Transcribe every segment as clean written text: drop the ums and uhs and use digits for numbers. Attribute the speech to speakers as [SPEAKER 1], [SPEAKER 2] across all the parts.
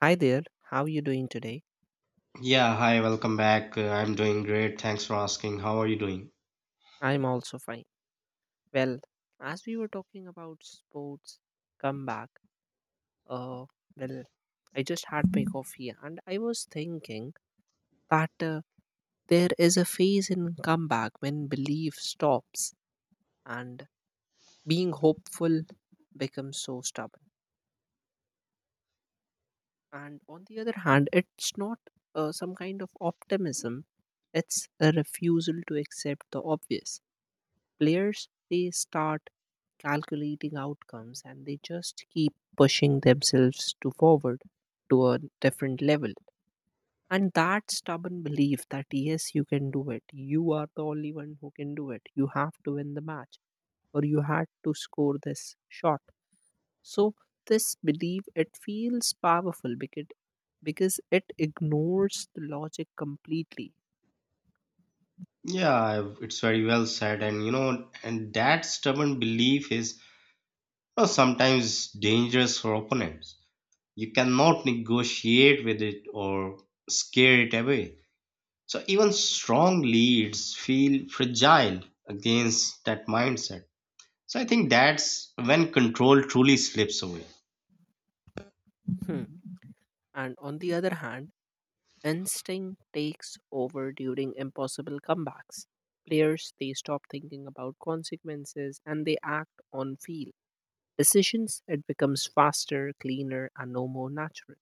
[SPEAKER 1] Hi there, how are you doing today?
[SPEAKER 2] Yeah, hi, welcome back. I'm doing great. Thanks for asking. How are you doing?
[SPEAKER 1] I'm also fine. Well, as we were talking about sports comeback, uh, well, I just had my coffee and I was thinking that there is a phase in comeback when belief stops and being hopeful becomes so stubborn. And on the other hand, it's not some kind of optimism, it's a refusal to accept the obvious. Players they start calculating outcomes and they just keep pushing themselves to forward to a different level, and that stubborn belief that yes you can do it, you are the only one who can do it, you have to win the match or you had to score this shot. So this belief it feels powerful because it ignores the logic completely.
[SPEAKER 2] It's very well said. And you know, and that stubborn belief is, you know, sometimes dangerous for opponents. You cannot negotiate with it or scare it away. So even strong leads feel fragile against that mindset. So I think that's when control truly slips away.
[SPEAKER 1] Hmm. And on the other hand, instinct takes over during impossible comebacks. Players they stop thinking about consequences and they act on feel. Decisions it becomes faster, cleaner, and no more natural.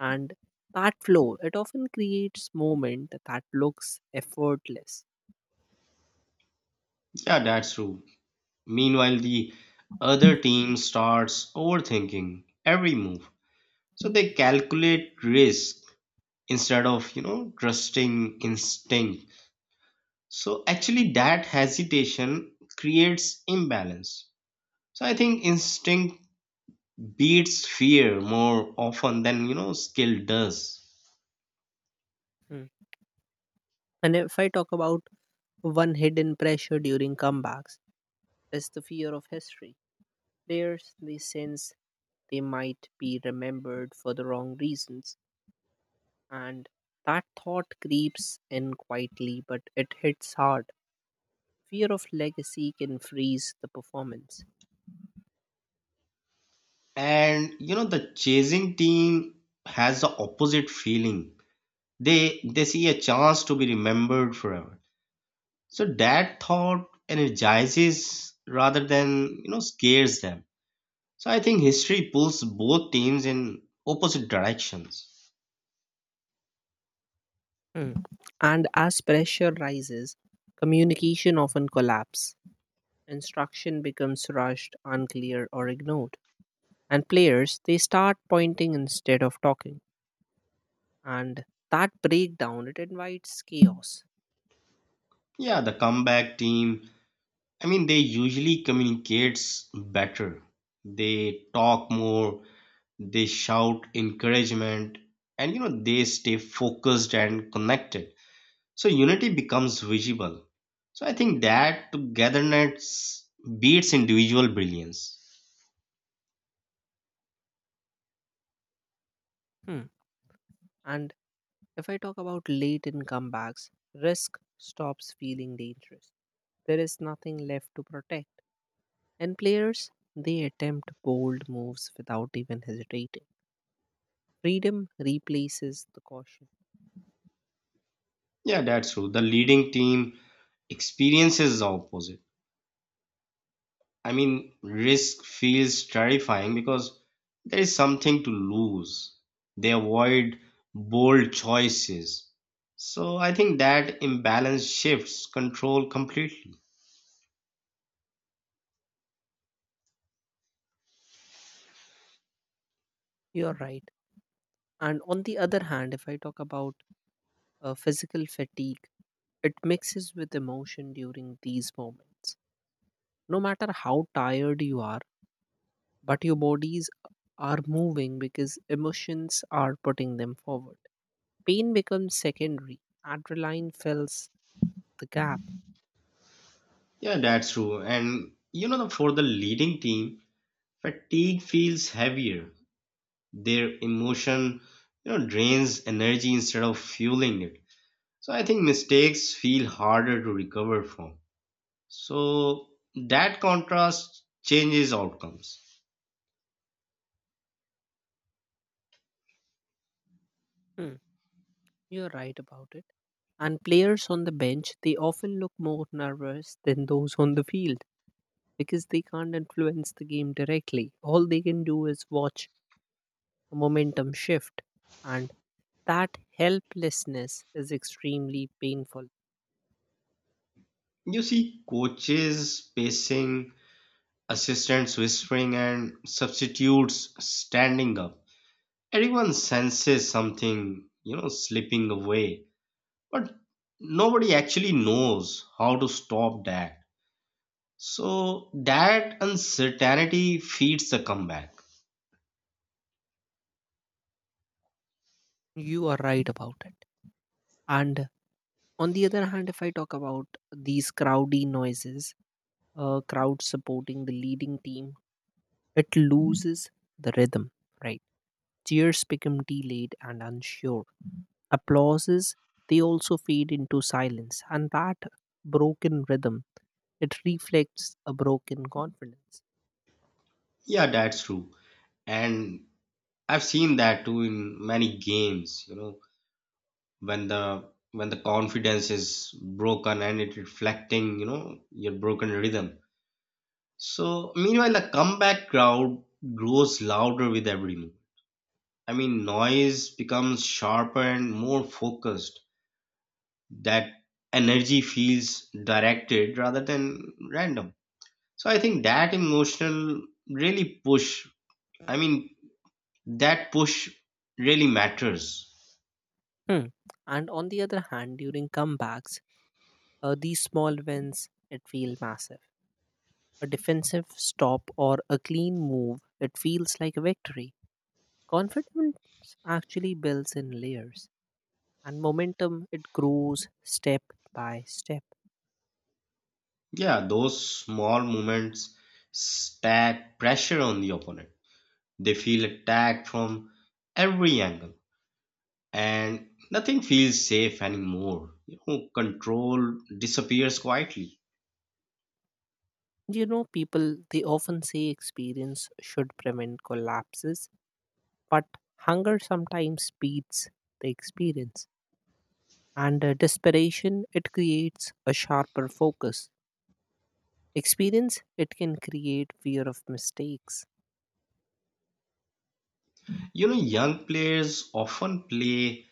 [SPEAKER 1] And that flow it often creates moment that looks effortless.
[SPEAKER 2] Yeah, that's true. Meanwhile, the other team starts overthinking every move. So they calculate risk instead of, you know, trusting instinct. So actually that hesitation creates imbalance. So I think instinct beats fear more often than, you know, skill does.
[SPEAKER 1] Hmm. And if I talk about one hidden pressure during comebacks, is the fear of history. Players they sense they might be remembered for the wrong reasons. And that thought creeps in quietly, but it hits hard. Fear of legacy can freeze the performance.
[SPEAKER 2] And you know the chasing team has the opposite feeling. They see a chance to be remembered forever. So that thought energizes rather than, you know, scares them. So I think history pulls both teams in opposite directions.
[SPEAKER 1] Hmm. And as pressure rises, communication often collapses. Instruction becomes rushed, unclear, or ignored. And players they start pointing instead of talking, and that breakdown it invites chaos.
[SPEAKER 2] Yeah, the comeback team, I mean they usually communicates better. They talk more, they shout encouragement, and you know they stay focused and connected. So unity becomes visible. So I think that togetherness beats individual brilliance.
[SPEAKER 1] Hmm. And if I talk about late in comebacks, risk stops feeling dangerous. There is nothing left to protect, and players they attempt bold moves without even hesitating. Freedom replaces the caution.
[SPEAKER 2] Yeah, that's true. The leading team experiences the opposite. I mean, risk feels terrifying because there is something to lose. They avoid bold choices. So I think that imbalance shifts control completely.
[SPEAKER 1] You're right. And on the other hand, if I talk about physical fatigue, it mixes with emotion during these moments. No matter how tired you are, but your bodies are moving because emotions are putting them forward. Pain becomes secondary, adrenaline fills the gap.
[SPEAKER 2] Yeah, that's true. And you know, the- for the leading team, fatigue feels heavier. Their emotion, you know, drains energy instead of fueling it. So I think mistakes feel harder to recover from. So that contrast changes outcomes.
[SPEAKER 1] Hmm, you're right about it. And players on the bench they often look more nervous than those on the field, because they can't influence the game directly. All they can do is watch a momentum shift, and that helplessness is extremely painful.
[SPEAKER 2] You see coaches pacing, assistants whispering, and substitutes standing up. Everyone senses something, you know, slipping away, but nobody actually knows how to stop that. So that uncertainty feeds the comeback.
[SPEAKER 1] You are right about it. And on the other hand, if I talk about these crowdy noises, crowd supporting the leading team, it loses the rhythm, right? Cheers become delayed and unsure. Applauses, they also fade into silence. And that broken rhythm, it reflects a broken confidence.
[SPEAKER 2] Yeah, that's true. And I've seen that too in many games, you know, when the when the confidence is broken and it reflecting, you know, your broken rhythm. So meanwhile, the comeback crowd grows louder with every move. I mean, noise becomes sharper and more focused. That energy feels directed rather than random. So I think that emotional really push, I mean that push really matters.
[SPEAKER 1] Hmm. And on the other hand, during comebacks, these small wins, it feel massive. A defensive stop or a clean move, it feels like a victory. Confidence actually builds in layers, and momentum it grows step by step.
[SPEAKER 2] Yeah, those small moments stack pressure on the opponent. They feel attacked from every angle, and nothing feels safe anymore. You know, control disappears quietly.
[SPEAKER 1] You know, people they often say experience should prevent collapses, but hunger sometimes beats the experience, and desperation it creates a sharper focus. Experience it can create fear of mistakes.
[SPEAKER 2] You know, young players often play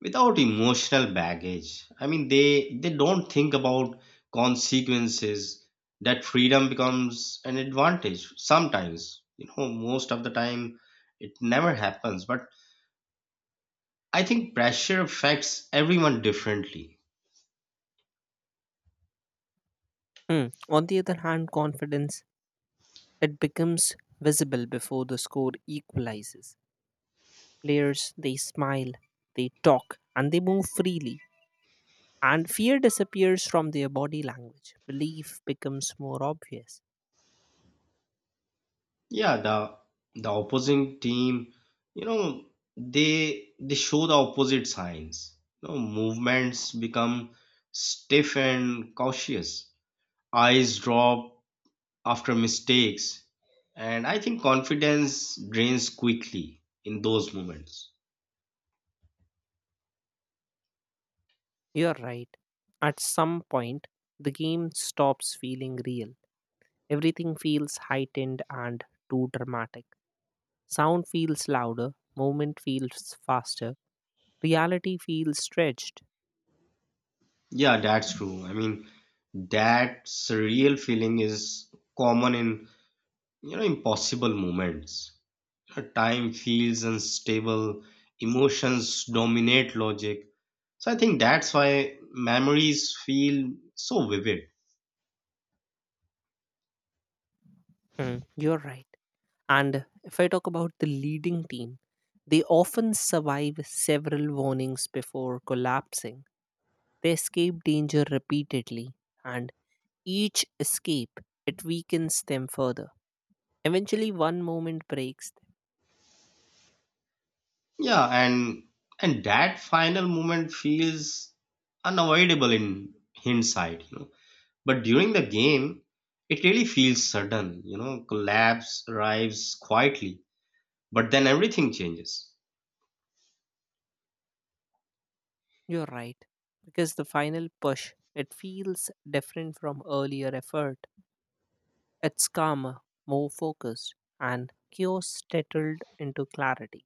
[SPEAKER 2] without emotional baggage. I mean, they don't think about consequences. That freedom becomes an advantage sometimes. You know, most of the time, it never happens. But I think pressure affects everyone differently.
[SPEAKER 1] Hmm. On the other hand, confidence it becomes visible before the score equalizes. Players, they smile, they talk, and they move freely. And fear disappears from their body language. Belief becomes more obvious.
[SPEAKER 2] Yeah, the opposing team, you know, they show the opposite signs. You know, movements become stiff and cautious. Eyes drop after mistakes, and I think confidence drains quickly in those moments.
[SPEAKER 1] You're right. At some point, the game stops feeling real. Everything feels heightened and too dramatic. Sound feels louder, movement feels faster, reality feels stretched.
[SPEAKER 2] Yeah, that's true. I mean, that surreal feeling is common in, you know, impossible moments. Time feels unstable, emotions dominate logic. So I think that's why memories feel so vivid.
[SPEAKER 1] Hmm, you're right. And if I talk about the leading team, they often survive several warnings before collapsing. They escape danger repeatedly, and each escape it weakens them further. Eventually, one moment breaks them.
[SPEAKER 2] Yeah, and that final moment feels unavoidable in hindsight, you know. But during the game, it really feels sudden. You know, collapse arrives quietly, but then everything changes.
[SPEAKER 1] You're right, because the final push it feels different from earlier effort. It's calmer, more focused, and chaos settled into clarity.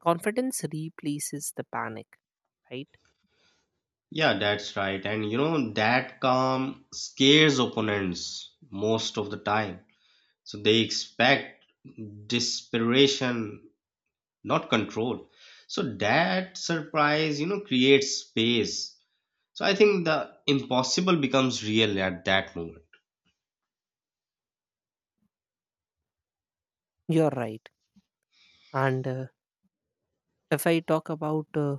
[SPEAKER 1] Confidence replaces the panic, right?
[SPEAKER 2] Yeah, that's right. And you know, that calm scares opponents most of the time. So they expect desperation, not control. So that surprise, you know, creates space. So I think the impossible becomes real at that moment.
[SPEAKER 1] You're right. And if I talk about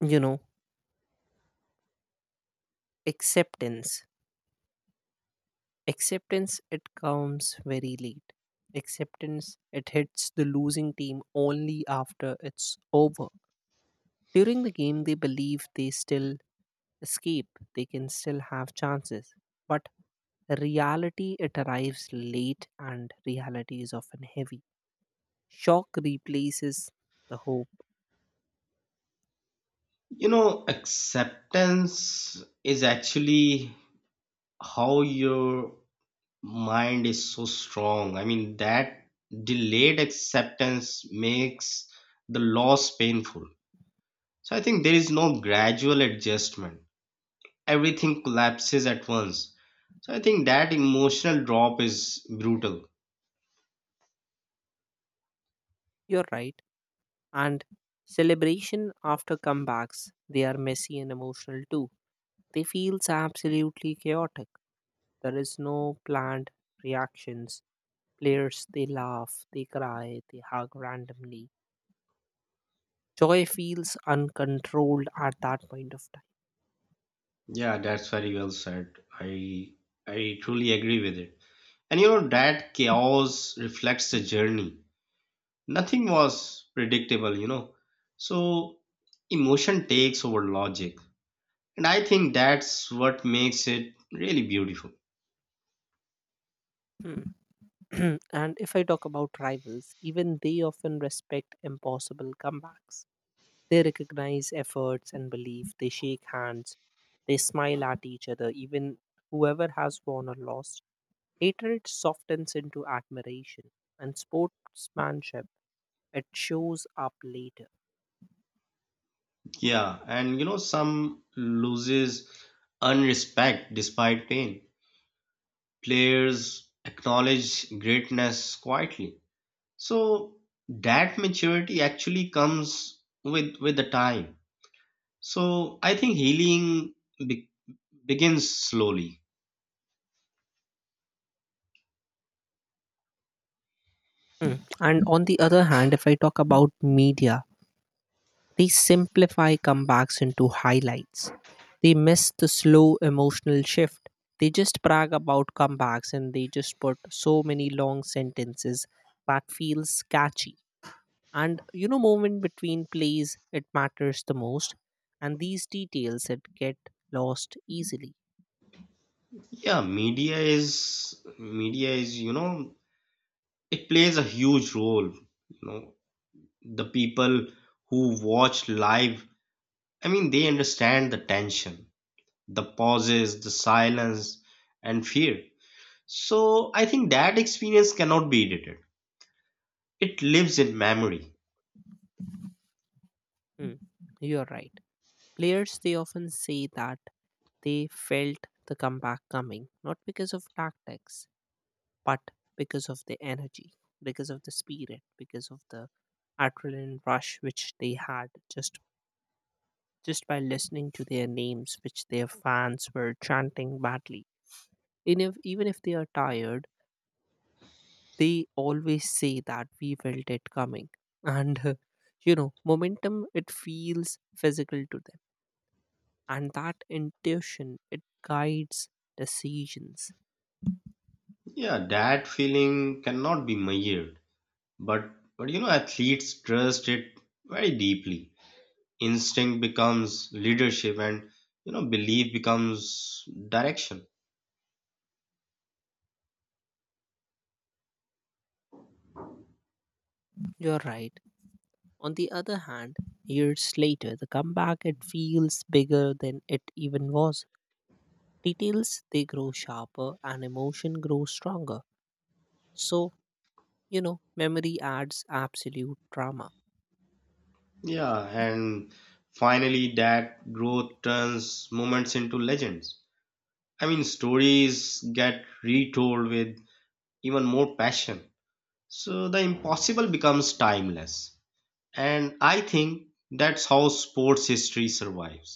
[SPEAKER 1] you know acceptance. Acceptance it comes very late. Acceptance it hits the losing team only after it's over. During the game they believe they still escape, they can still have chances. But reality it arrives late, and reality is often heavy. Shock replaces the hope.
[SPEAKER 2] You know, acceptance is actually how your mind is so strong. I mean, that delayed acceptance makes the loss painful. So I think there is no gradual adjustment, everything collapses at once. So I think that emotional drop is brutal.
[SPEAKER 1] You're right. And celebration after comebacks, they are messy and emotional too. They feels absolutely chaotic. There is no planned reactions. Players they laugh, they cry, they hug randomly. Joy feels uncontrolled at that point of
[SPEAKER 2] Yeah, that's very well said. I I truly agree with it. And you know that chaos reflects the journey. Nothing was predictable, you know. So emotion takes over logic. And I think that's what makes it really beautiful.
[SPEAKER 1] time. Hmm. And if I talk about rivals, even they often respect impossible comebacks. They recognize efforts and belief. They shake hands. They smile at each other, even whoever has won or lost. Hatred softens into admiration, and sportsmanship it shows up later.
[SPEAKER 2] Yeah, and you know some loses unrespect despite pain. Players acknowledge greatness quietly. So that maturity actually comes with the time. So I think begins slowly.
[SPEAKER 1] Mm. And on the other hand, if I talk about media, they simplify comebacks into highlights. They miss the slow emotional shift. They just brag about comebacks and they just put so many long sentences that feels catchy. And you know moment between plays it matters the most, and these details it get lost easily.
[SPEAKER 2] Yeah, media is you know it plays a huge role. You know the people who watch live. I mean they understand the tension, the pauses, the silence, and fear. So I think that experience cannot be edited. It lives in memory.
[SPEAKER 1] Hmm, you're right. Players they often say that they felt the comeback coming not because of tactics, but because of the energy, because of the spirit, because of the adrenaline rush which they had, just just by listening to their names which their fans were chanting badly in if, even if they are tired. They always say that we felt it coming, and you know momentum it feels physical to them, and that intuition it guides decisions.
[SPEAKER 2] Yeah, that feeling cannot be measured, but you know athletes trust it very deeply. Instinct becomes leadership, and you know belief becomes direction.
[SPEAKER 1] You're right. On the other hand, years later, the comeback it feels bigger than it even was. Details they grow sharper and emotion grows stronger. So, you know, memory adds absolute drama.
[SPEAKER 2] Yeah, and finally that growth turns moments into legends. I mean, stories get retold with even more passion. So the impossible becomes timeless. And I think that's how sports history survives.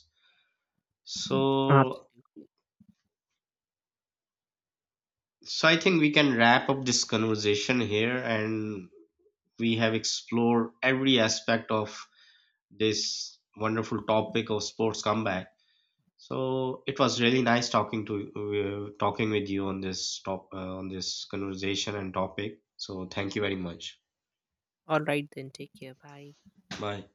[SPEAKER 2] So
[SPEAKER 1] Absolutely.
[SPEAKER 2] so I think we can wrap up this conversation here, and we have explored every aspect of this wonderful topic of sports comeback. So it was really nice talking with you on this top on this conversation and topic, so thank you very much.
[SPEAKER 1] All right, then take care. Bye.
[SPEAKER 2] Bye.